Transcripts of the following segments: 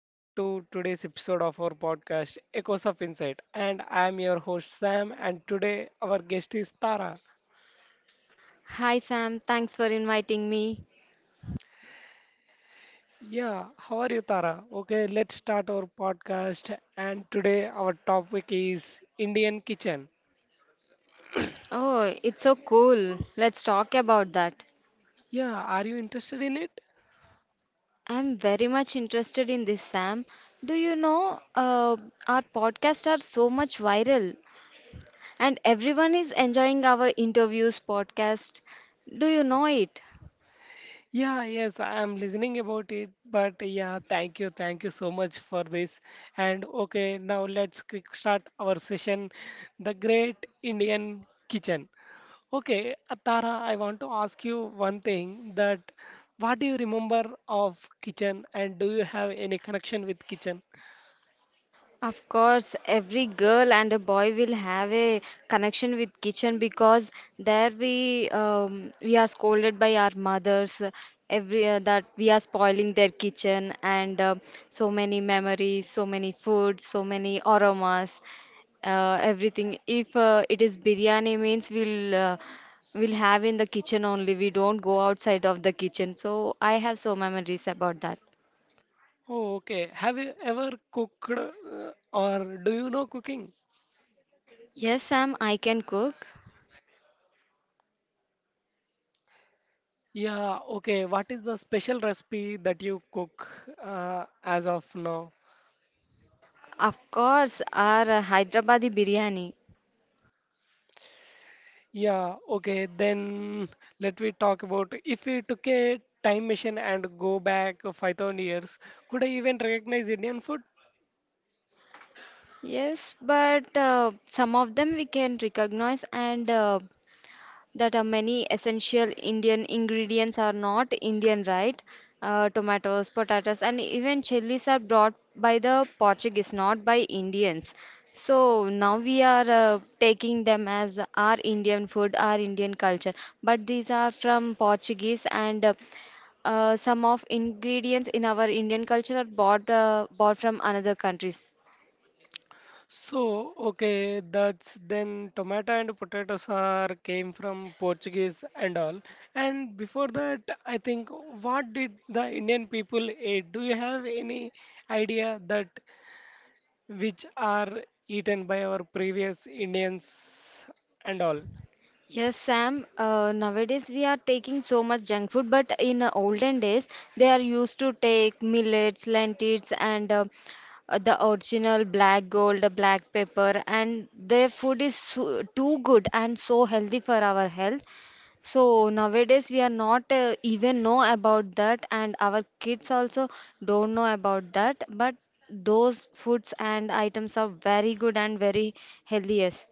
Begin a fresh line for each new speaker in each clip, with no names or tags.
Welcome to today's episode of our podcast, Echoes of Insight. And I'm your host, Sam, and today our guest is Tara.
Hi Sam, thanks for inviting me.
Yeah, how are you, Tara? Okay, let's start our podcast. And today our topic is Indian kitchen.
Oh, it's so cool. Let's talk about that.
Yeah, are you interested in it?
I'm very much interested in this, Sam. Do you know our podcasts are so much viral and everyone is enjoying our interviews podcast. Do you know it?
Yeah, yes, I am listening about it. But yeah, thank you so much for this. And okay, now let's quick start our session, the Great Indian Kitchen. Okay, Tara, I want to ask you one thing, that what do you remember of kitchen, and do you have any connection with kitchen?
Of course, every girl and a boy will have a connection with kitchen because there we are scolded by our mothers, every that we are spoiling their kitchen, and so many memories, so many foods, so many aromas, everything. If it is biryani means we'll have in the kitchen only. We don't go outside of the kitchen. So I have so memories about that.
Oh, okay. Have you ever cooked, or do you know cooking?
Yes, Sam, I can cook.
Yeah, okay. What is the special recipe that you cook as of now?
Of course, our Hyderabadi biryani.
Yeah, okay, then let me talk about, if we took a time machine and go back 5,000 years, could I even recognize Indian food?
Yes, but some of them we can recognize, and that many essential Indian ingredients are not Indian, right? Tomatoes, potatoes, and even chilies are brought by the Portuguese, not by Indians. So now we are taking them as our Indian food, our Indian culture. But these are from Portuguese, and some of ingredients in our Indian culture are bought from another countries.
So, okay, that's then tomato and potatoes are came from Portuguese and all. And before that, I think, what did the Indian people ate? Do you have any idea that which are eaten by our previous Indians and all?
Yes, Sam. Nowadays we are taking so much junk food, but in olden days they are used to take millets, lentils, and the original black gold, black pepper, and their food is so, too good and so healthy for our health. So nowadays we are not even know about that, and our kids also don't know about that. But those foods and items are very good and very healthy. Yes.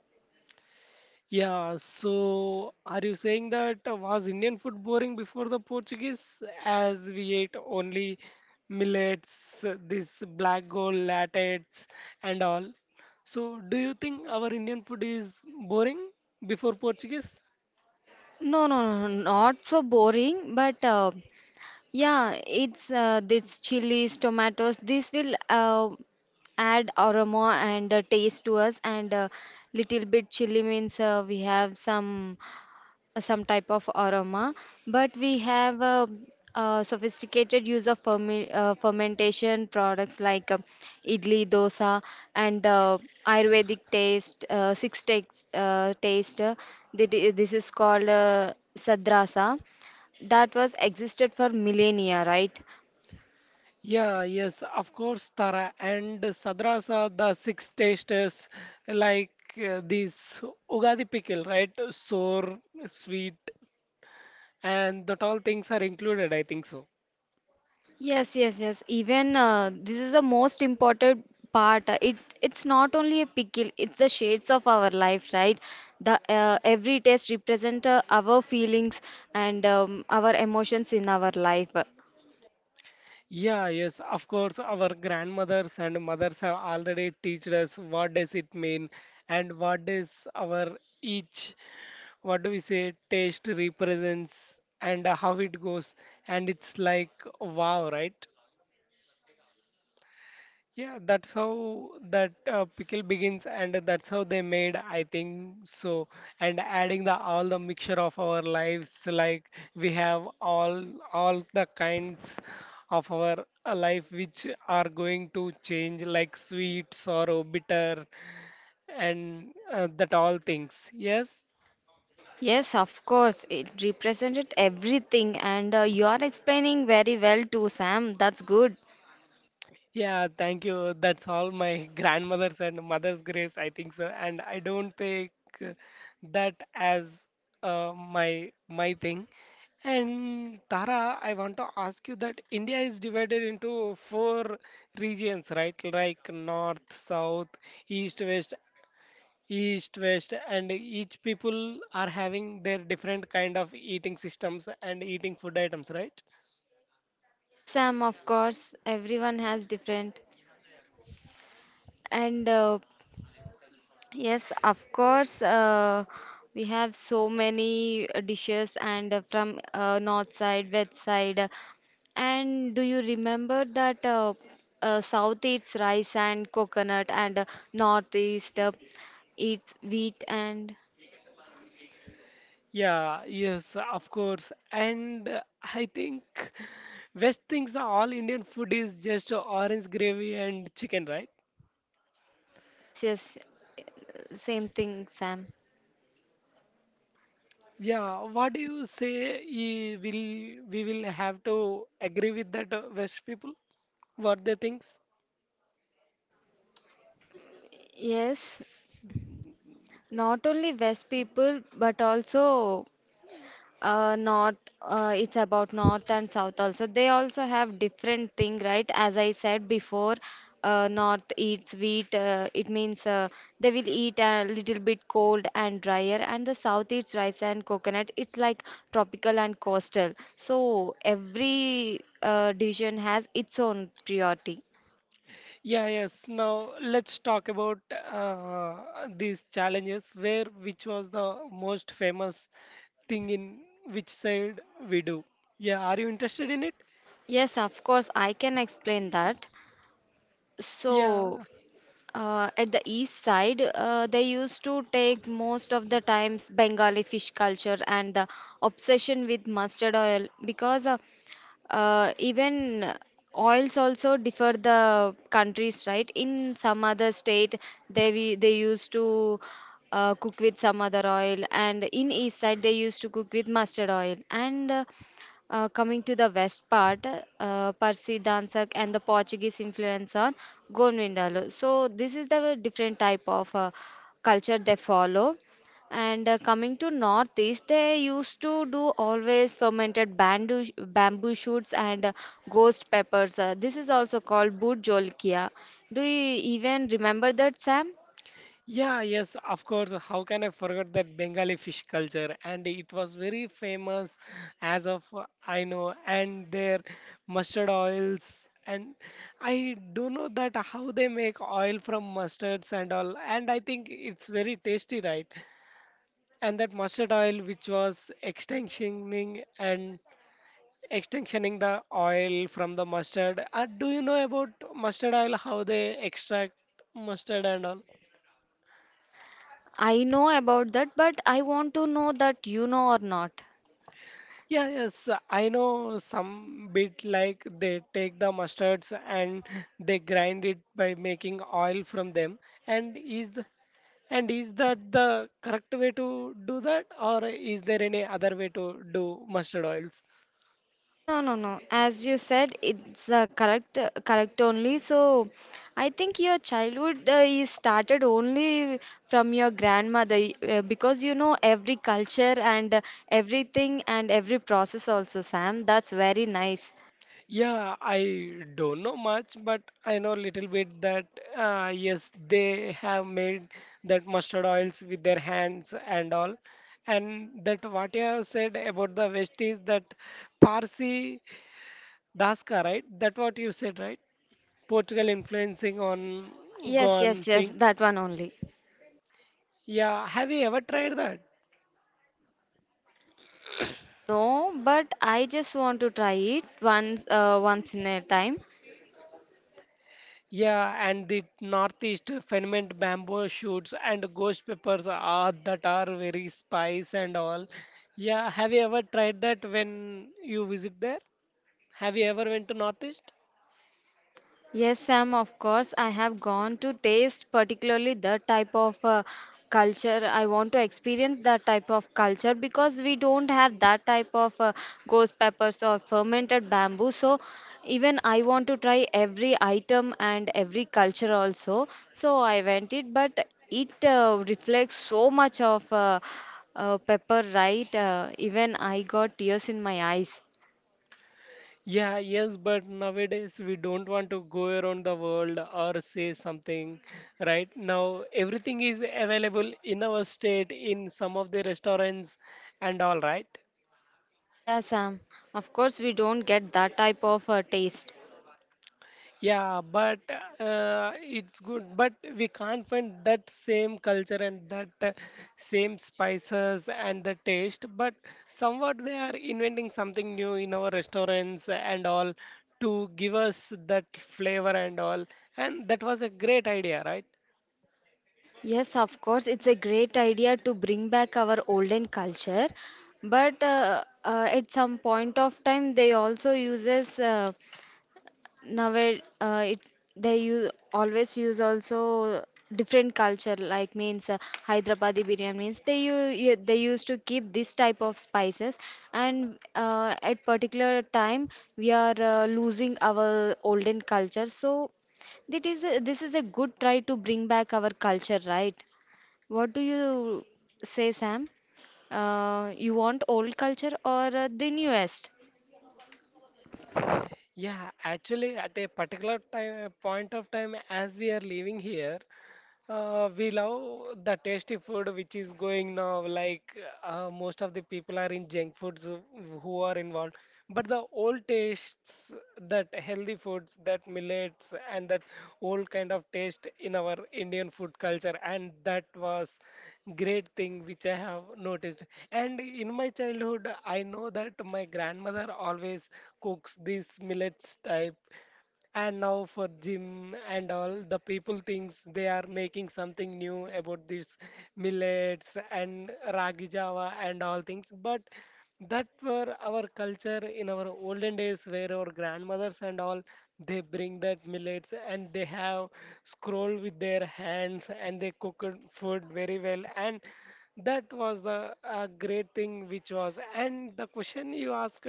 Yeah, so are you saying that, was Indian food boring before the Portuguese, as we ate only millets, this black gold lattes and all? So do you think our Indian food is boring before Portuguese?
No, no, no, no, not so boring, but yeah, it's this chilies, tomatoes, this will add aroma and taste to us, and little bit chili means we have some type of aroma, but we have sophisticated use of fermentation products like idli, dosa, and Ayurvedic taste, six takes taste. This is called sadrasa. That was existed for millennia, right?
Yeah, yes, of course, Tara. And sadras are the six tastes, like this Ugadi pickle, right? Sour, sweet, and that all things are included, I think so.
Yes, yes, yes. Even this is the most important part. It it's not only a pickle, it's the shades of our life, right? The every taste represent our feelings and our emotions in our life.
Yeah, yes, of course, our grandmothers and mothers have already teached us what does it mean and what does our each, what do we say, taste represents and how it goes. And it's like, wow, right? Yeah, that's how that pickle begins, and that's how they made, I think so. And adding the all the mixture of our lives, like we have all the kinds of our life which are going to change, like sweet, sorrow, bitter, and that all things. Yes.
Yes, of course, it represented everything, and you are explaining very well too, Sam. That's good.
Yeah, thank you. That's all my grandmother's and mother's grace, I think so. And I don't take uh, that as my thing. And Tara, I want to ask you that India is divided into four regions, right? Like north, south, east, west, east, west, and each people are having their different kind of eating systems and eating food items, right?
Yes, Sam, of course, everyone has different. And yes, of course. We have so many dishes and from north side, west side. And do you remember that south eats rice and coconut, and northeast eats wheat and
Yeah, yes, of course. And I think West thinks all Indian food is just orange gravy and chicken, right?
yes, yes, same thing, Sam.
Yeah, what do you say? Will have to agree with that West people? What they thinks?
Yes, not only West people but also north, it's about north and south also. They also have different thing, right? As I said before, north eats wheat. It means they will eat a little bit cold and drier, and the south eats rice and coconut. It's like tropical and coastal. So every division has its own priority.
Yeah, yes. Now let's talk about these challenges. Where which was the most famous thing in which side we do? Yeah, are you interested in it?
Yes, of course, I can explain that.
Yeah.
So, at the east side, they used to take most of the times Bengali fish culture and the obsession with mustard oil because even oils also differ the countries, right? In some other state, they used to cook with some other oil, and in east side they used to cook with mustard oil. And coming to the west part, Parsi, Dansak, and the Portuguese influence on Gonvindalo. So this is the different type of culture they follow. And coming to northeast, they used to do always fermented bamboo, bamboo shoots, and ghost peppers. This is also called boot jolkia. Do you even remember that, Sam?
Yeah, yes, of course. How can I forget that Bengali fish culture? And it was very famous as of I know, and their mustard oils. And I don't know that how they make oil from mustards and all. And I think it's very tasty, right? And that mustard oil, which was extinctioning and extinctioning the oil from the mustard. Do you know about mustard oil, how they extract mustard and all?
I know about that, but I want to know that you know or not.
Yeah, yes, I know some bit, like they take the mustards and they grind it by making oil from them. And is the, and is that the correct way to do that, or is there any other way to do mustard oils?
No, no, no. As you said, it's correct only. So, I think your childhood is started only from your grandmother because you know every culture and everything and every process also, Sam. That's very nice.
Yeah, I don't know much, but I know little bit that, yes, they have made that mustard oils with their hands and all. And that what you have said about the West is that Parsi. Daska, right? That what you said, right? Portugal influencing on
Yes,
gone
yes, yes.
thing.
That one only.
Yeah, have you ever tried that?
No, but I just want to try it once, once in a time.
Yeah, and the northeast ferment bamboo shoots and ghost peppers are that are very spice and all. Yeah, have you ever tried that when you visit there? Have you ever went to northeast?
Yes, Sam, of course. I have gone to taste particularly the type of culture. I want to experience that type of culture because we don't have that type of ghost peppers or fermented bamboo. So even I want to try every item and every culture also. So I went it, but it reflects so much of pepper, right? Even I got tears in my eyes.
Yeah, yes, but nowadays we don't want to go around the world or say something. Right now, everything is available in our state, in some of the restaurants and all, right?
Yeah, Sam. Of course, we don't get that type of taste.
Yeah, but it's good, but we can't find that same culture and that same spices and the taste. But somewhat they are inventing something new in our restaurants and all to give us that flavor and all. And that was a great idea, right?
Yes, of course, it's a great idea to bring back our olden culture, but at some point of time they also uses it's they use always use also different culture like means Hyderabadi biryani means they used to keep this type of spices, and at particular time we are losing our olden culture, so this is a good try to bring back our culture, right? What do you say, Sam? You want old culture or the newest?
Yeah, actually, at a particular time, point of time, as we are leaving here, we love the tasty food which is going now. Like most of the people are in junk foods who are involved, but the old tastes, that healthy foods, that millets, and that old kind of taste in our Indian food culture, and that was great thing which I have noticed. And in my childhood, I know that my grandmother always cooks this millets type. And now for gym and all, the people thinks they are making something new about this millets and ragi java and all things. But that were our culture in our olden days, where our grandmothers and all, they bring that millets and they have scroll with their hands and they cook food very well, and that was the great thing, which was, and the question you asked,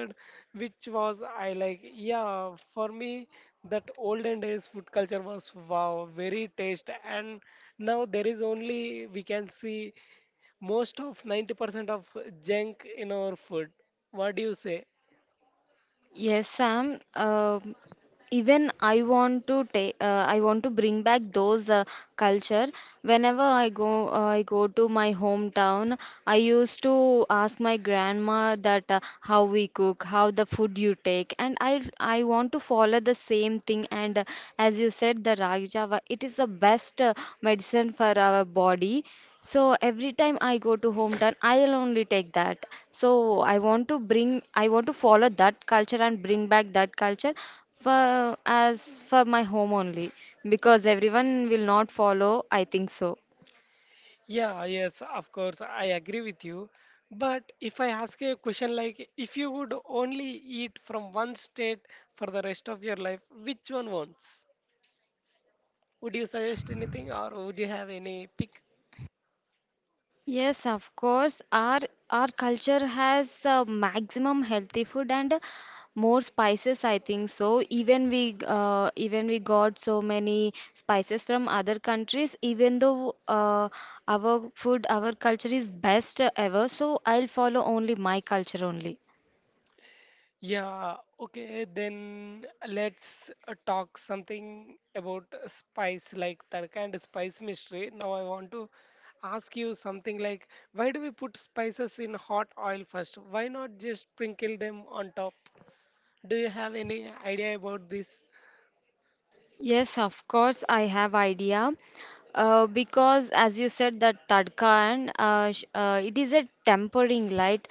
which was, I like, yeah, for me, that olden days food culture was wow, very taste, and now there is only we can see most of 90% of junk in our food. What do you say?
Yes, Sam. Even I want to take. I want to bring back those culture. Whenever I go to my hometown. I used to ask my grandma that how we cook, how the food you take, and I want to follow the same thing. And as you said, the ragi java, it is the best medicine for our body. So every time I go to hometown, I'll only take that. So I want to follow that culture and bring back that culture for as for my home only, because everyone will not follow, I think so.
Yeah, yes, of course, I agree with you. But if I ask you a question like, if you would only eat from one state for the rest of your life, which one wants? Would you suggest anything or would you have any pick?
Yes, of course. Our culture has maximum healthy food and more spices, I think so. Even we got so many spices from other countries, even though our food, our culture is best ever. So I'll follow only my culture only.
Yeah, okay, then let's talk something about spice, like tadka and spice mystery. Now, I want to ask you something, like why do we put spices in hot oil first? Why not just sprinkle them on top? Do you have any idea about this?
Yes, of course, I have idea. Because as you said that tadka and it is a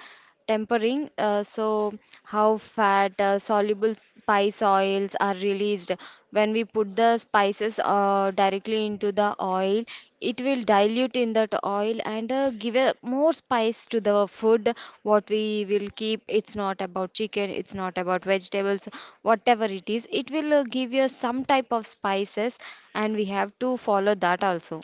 tempering, so how fat soluble spice oils are released when we put the spices directly into the oil. It will dilute in that oil and give a more spice to the food what we will keep. It's not about chicken, it's not about vegetables, whatever it is. It will give you some type of spices, and we have to follow that also.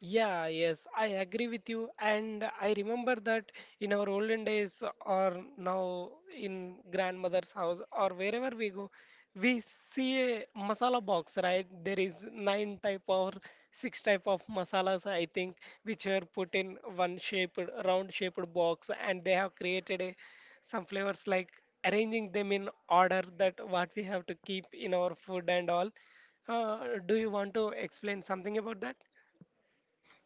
Yeah, yes, I agree with you. And I remember that in our olden days, or now in grandmother's house, or wherever we go, we see a masala box, right? There is nine type or six type of masalas, I think, which are put in one shaped, round shaped box, and they have created some flavors, like arranging them in order that what we have to keep in our food and all. Uh, do you want to explain something about that?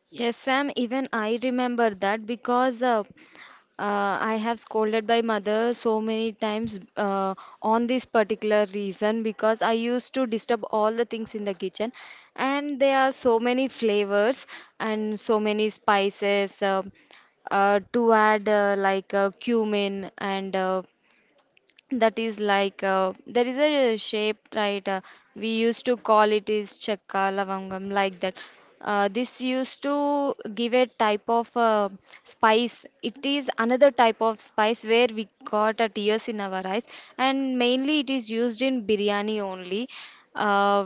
Yes, Sam, even I remember that because I have scolded my mother so many times on this particular reason because I used to disturb all the things in the kitchen, and there are so many flavors and so many spices to add, like cumin, and that is like there is a shape, right? We used to call it is chakka lavangam, like that. Uh, this used to give a type of spice. It is another type of spice where we got a tears in our eyes, and mainly it is used in biryani only. uh,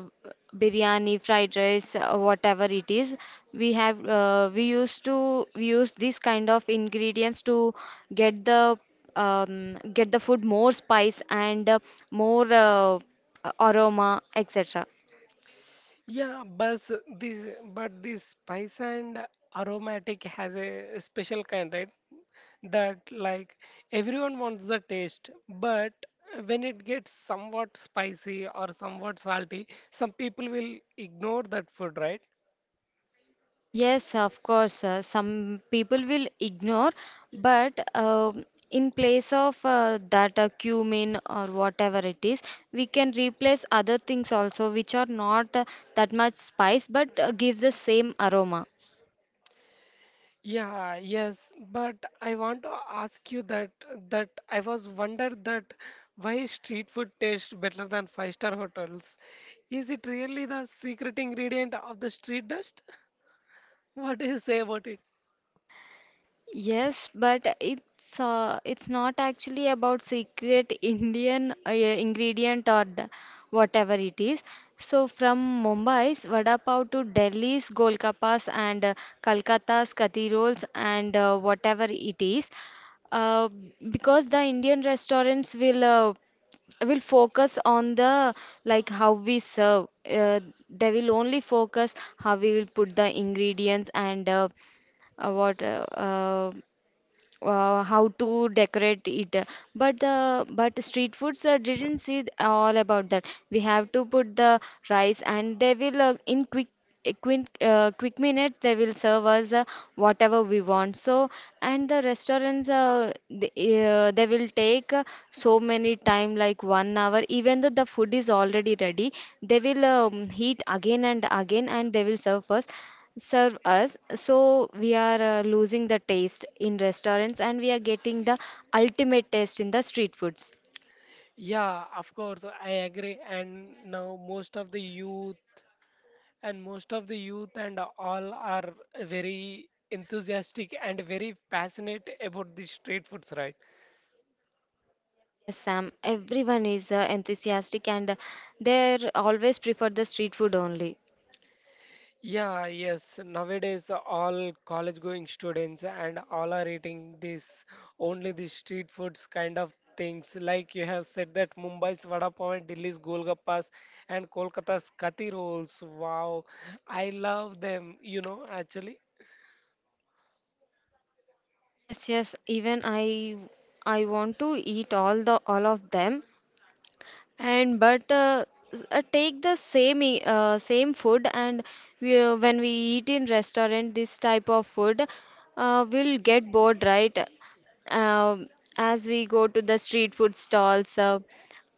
Biryani fried rice, whatever it is, we used to use this kind of ingredients to get the get the food more spice and more aroma, etc.
Yeah, but this spice and aromatic has a special kind, right? That, like, everyone wants the taste, but when it gets somewhat spicy or somewhat salty, some people will ignore that food, right?
Yes, of course, some people will ignore, but in place of that cumin or whatever it is, we can replace other things also which are not that much spice but give the same aroma.
Yeah, yes, but I want to ask you that I was wondered that why street food tastes better than five-star hotels? Is it really the secret ingredient of the street dust? What do you say about it?
Yes, but it's not actually about secret Indian ingredient or the- whatever it is. So from Mumbai's vada pav to Delhi's golgappas and Calcutta's kathi rolls and whatever it is, uh, because the Indian restaurants will focus on the like how we serve. They will only focus how we will put the ingredients and what how to decorate it, but the but street foods didn't see all about that. We have to put the rice and they will, in quick minutes, they will serve us whatever we want. So and the restaurants, they will take so many time, like 1 hour, even though the food is already ready, they will heat again and again and they will serve us. So we are losing the taste in restaurants and we are getting the ultimate taste in the street foods.
Yeah, of course, I agree. And now most of the youth and most of the youth and all are very enthusiastic and very passionate about the street foods, right?
Yes, Sam, everyone is enthusiastic and they always prefer the street food only.
Yeah, yes. Nowadays, all college-going students and all are eating this, only the street foods kind of things. Like you have said, that Mumbai's vada pav and Delhi's golgappas and Kolkata's kathi rolls. Wow, I love them. You know, actually,
Yes, yes, even I want to eat all of them. And take the same same food, and when we eat in restaurant this type of food, we'll get bored, right? um, as we go to the street food stalls, uh,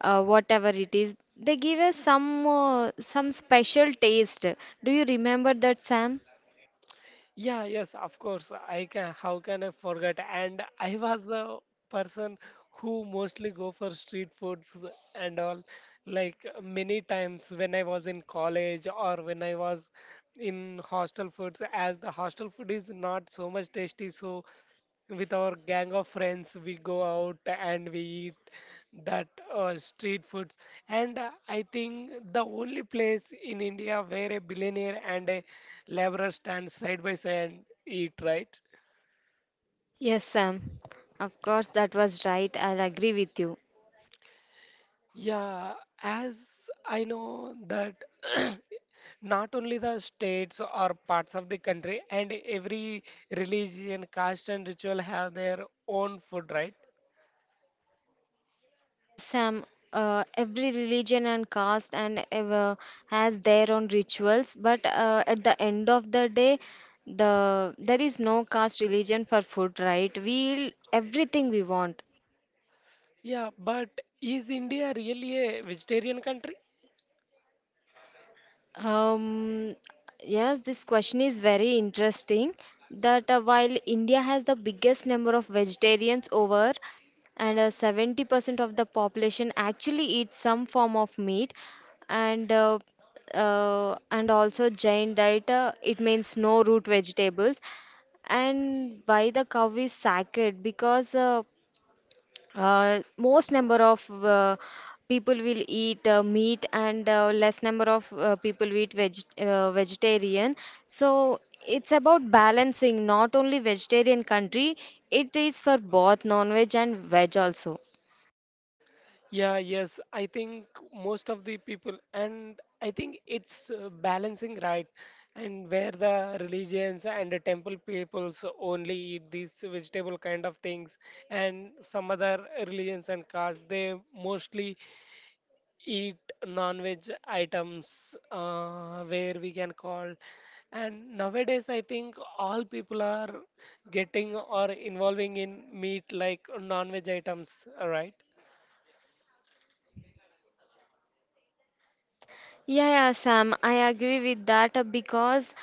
uh, whatever it is, they give us some, some special taste. Do you remember that, Sam?
yeah, yes, of course. How can I forget? And I was the person who mostly go for street foods and all. Like many times when I was in college or when I was in hostel foods, as the hostel food is not so much tasty, so with our gang of friends we go out and we eat that street foods. And I think the only place in India where a billionaire and a laborer stand side by side and eat, right?
Yes, Sam, of course, that was right. I'll agree with you.
Yeah, as I know that, not only the states or parts of the country, and every religion, caste and ritual have their own food, right?
Yes, Sam. Every religion and caste and ever has their own rituals, but at the end of the day, there is no caste religion for food, right? We'll everything we want.
Yeah, but is India really a vegetarian country?
Um, yes, this question is very interesting. That while India has the biggest number of vegetarians over, and 70% of the population actually eats some form of meat, and and also Jain diet, it means no root vegetables. And why the cow is sacred? Because most number of people will eat meat, and less number of people will eat vegetarian. So it's about balancing, not only vegetarian country, it is for both non-veg and veg also.
Yeah, yes, I think most of the people, and I think it's balancing, right, and where the religions and the temple peoples only eat these vegetable kind of things, and some other religions and castes, they mostly eat non-veg items, where we can call. And nowadays, I think all people are getting or involving in meat, like non-veg items, right?
Yeah, yeah, Sam, I agree with that, because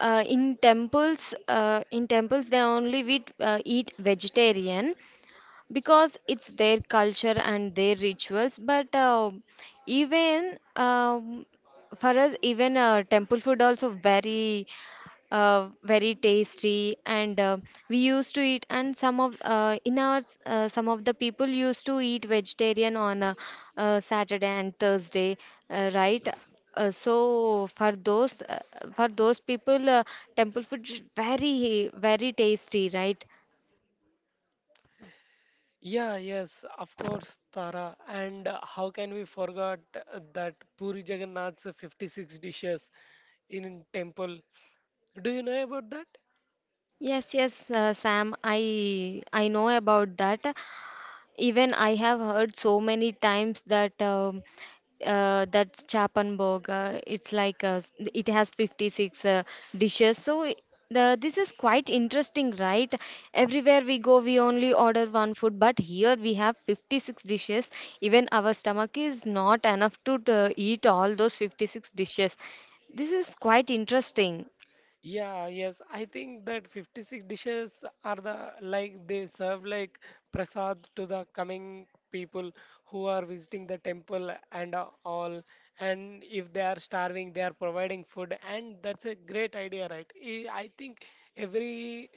in temples, in temples they only eat, eat vegetarian, because it's their culture and their rituals. But even for us, even temple food also very very tasty, and we used to eat. And some of some of the people used to eat vegetarian on Saturday and Thursday, right? So for those, for those people, temple food is very very tasty, right?
Yeah, yes, of course, Tara. And how can we forget that Puri Jagannath's 56 dishes in temple? Do you know about that?
Yes, yes, Sam, I know about that. Even I have heard so many times that that's Chapanbog. It's like it has 56 dishes. So this is quite interesting, right? Everywhere we go, we only order one food, but here we have 56 dishes. Even our stomach is not enough to eat all those 56 dishes. This is quite interesting.
Yeah, yes. I think that 56 dishes are the, like, they serve like prasad to the coming people who are visiting the temple, and all. And if they are starving, they are providing food, and that's a great idea, right? I think every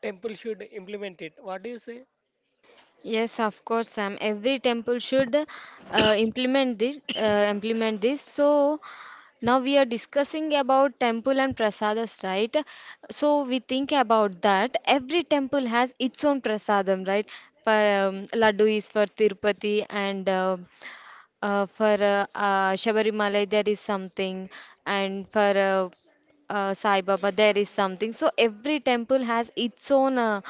temple should implement it. What do you say?
Yes, of course, Sam. Every temple should implement this. Implement this. So now we are discussing about temple and prasadas, right? So we think about that. Every temple has its own prasadam, right? Laddu is for Tirupati, and for Shabarimala there is something, and for Sai Baba there is something. So every temple has its own uh,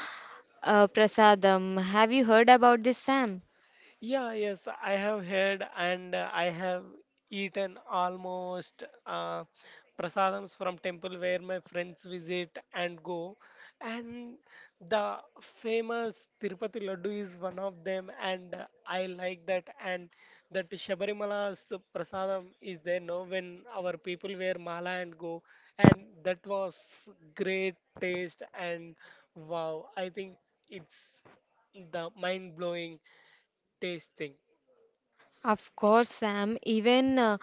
uh, prasadam. Have you heard about this, Sam?
Yeah, yes, I have heard, and I have eaten almost prasadams from temple where my friends visit and go. And the famous Tirupati Laddu is one of them, and I like that. And that Shabarimala's prasadam is there, no, when our people wear mala and go, and that was great taste. And wow, I think it's the mind blowing taste thing.
Of course, Sam, even uh,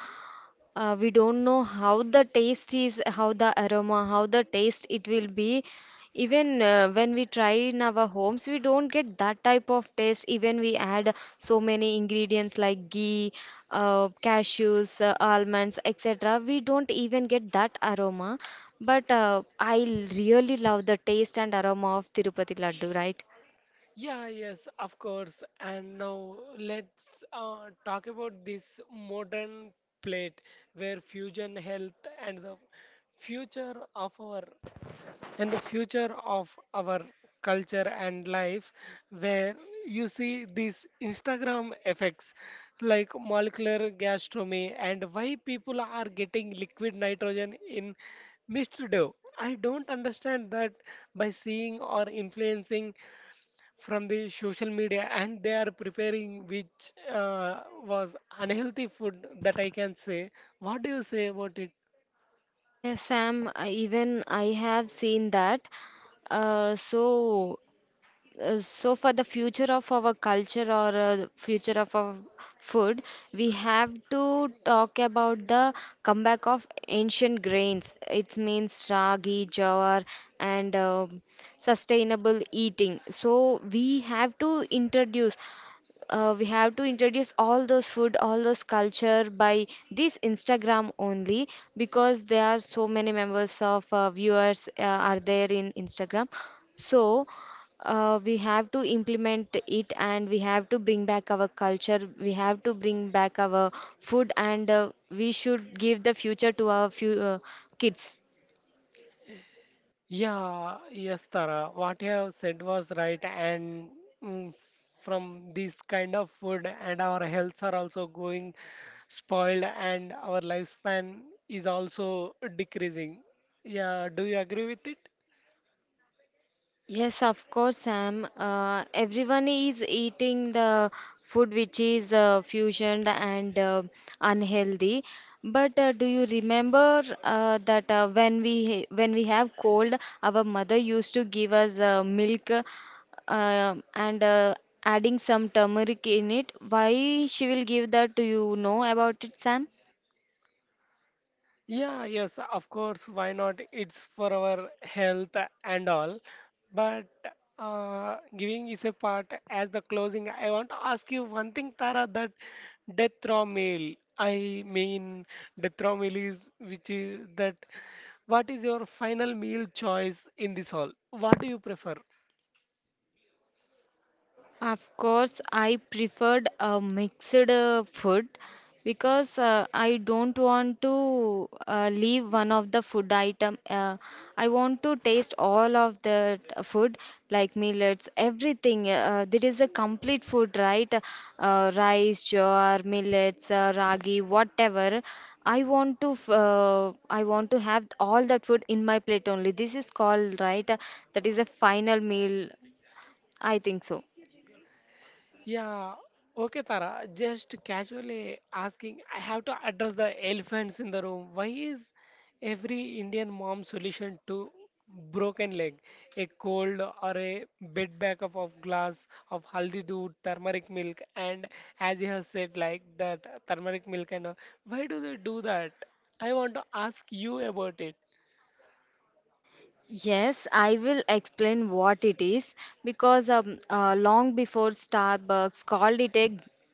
uh, we don't know how the taste is, how the aroma, how the taste it will be. Even when we try in our homes, we don't get that type of taste. Even we add so many ingredients like ghee, cashews, almonds, etc. We don't even get that aroma. But I really love the taste and aroma of Tirupati Laddu, right?
Yeah, yes, of course. And now let's talk about this modern plate, where fusion health and the future of our and the future of our culture and life, where you see these Instagram effects like molecular gastronomy, and why people are getting liquid nitrogen in Mr. Dev, I don't understand that, by seeing or influencing from the social media, and they are preparing which was unhealthy food, that I can say. What do you say about it?
Yes, Sam, I- even I have seen that. Uh, so, so for the future of our culture, or future of our food, we have to talk about the comeback of ancient grains. It means ragi, jawar, and sustainable eating. So we have to introduce, we have to introduce all those food, all those culture, by this Instagram only, because there are so many members of viewers are there in Instagram. So we have to implement it and we have to bring back our culture. We have to bring back our food, and we should give the future to our few, kids.
Yeah, yes, Tara. What you have said was right, and mm, from this kind of food, and our healths are also going spoiled, and our lifespan is also decreasing. Yeah, do you agree with it?
Yes, of course, Sam. Everyone is eating the food which is fusioned and unhealthy. But do you remember that when we have cold, our mother used to give us milk and adding some turmeric in it. Why she will give that? Do you know about it, Sam?
Yeah, yes, of course, why not? It's for our health and all. But giving is a part, as the closing, I want to ask you one thing, Tara, that death row meal. I mean, death row meal is which is that. What is your final meal choice in this hall? What do you prefer?
Of course, I preferred a mixed food because I don't want to leave one of the food item. I want to taste all of the food, like millets, everything. There is a complete food, right? Rice, jowar, millets, ragi, whatever. I want to I want to have all that food in my plate only. This is called, right? That is a final meal. I think so.
Yeah, okay, Tara. Just casually asking, I have to address the elephants in the room. Why is every Indian mom solution to broken leg, a cold, or a bed back of glass of haldi doodh, turmeric milk, and as you have said, like that turmeric milk and all. Why do they do that? I want to ask you about it.
Yes, I will explain what it is, because long before Starbucks called it a,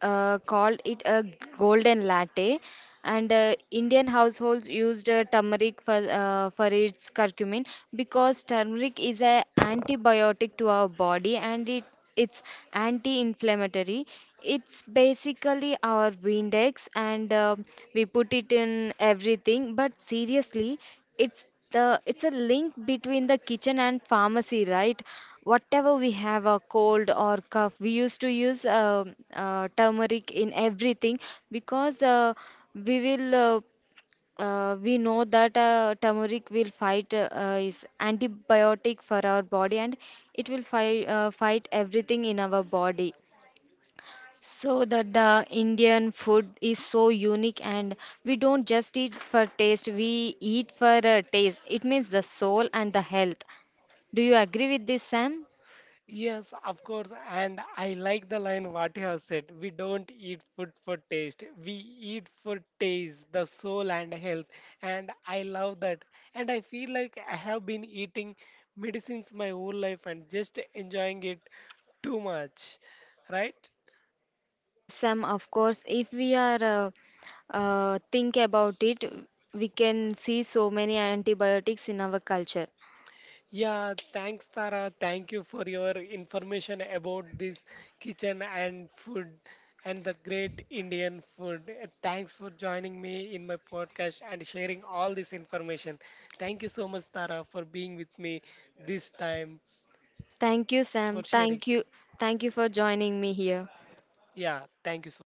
uh, called it a golden latte, and Indian households used turmeric for its curcumin, because turmeric is a antibiotic to our body, and it's anti-inflammatory. It's basically our windex, and we put it in everything. But seriously, it's the it's a link between the kitchen and pharmacy, right? Whatever we have a cold or cough, we used to use turmeric in everything. Because we will uh, we know that turmeric will fight, is antibiotic for our body, and it will fight everything in our body. So that the Indian food is so unique, and we don't just eat for taste, we eat for taste, it means the soul and the health. Do you agree with this, Sam?
Yes, of course, and I like the line what you have said. We don't eat food for taste. We eat for taste, the soul and health. And I love that. And I feel like I have been eating medicines my whole life and just enjoying it too much, right?
Yes, Sam, of course. If we are think about it, we can see so many antibiotics in our culture.
Yeah, thanks, Tara. Thank you for your information about this kitchen and food and the great Indian food. Thanks for joining me in my podcast and sharing all this information. Thank you so much, Tara, for being with me this time,
Thank you,
for
Sam.
sharing.
Thank you. Thank you for joining me here.
Yeah, thank you so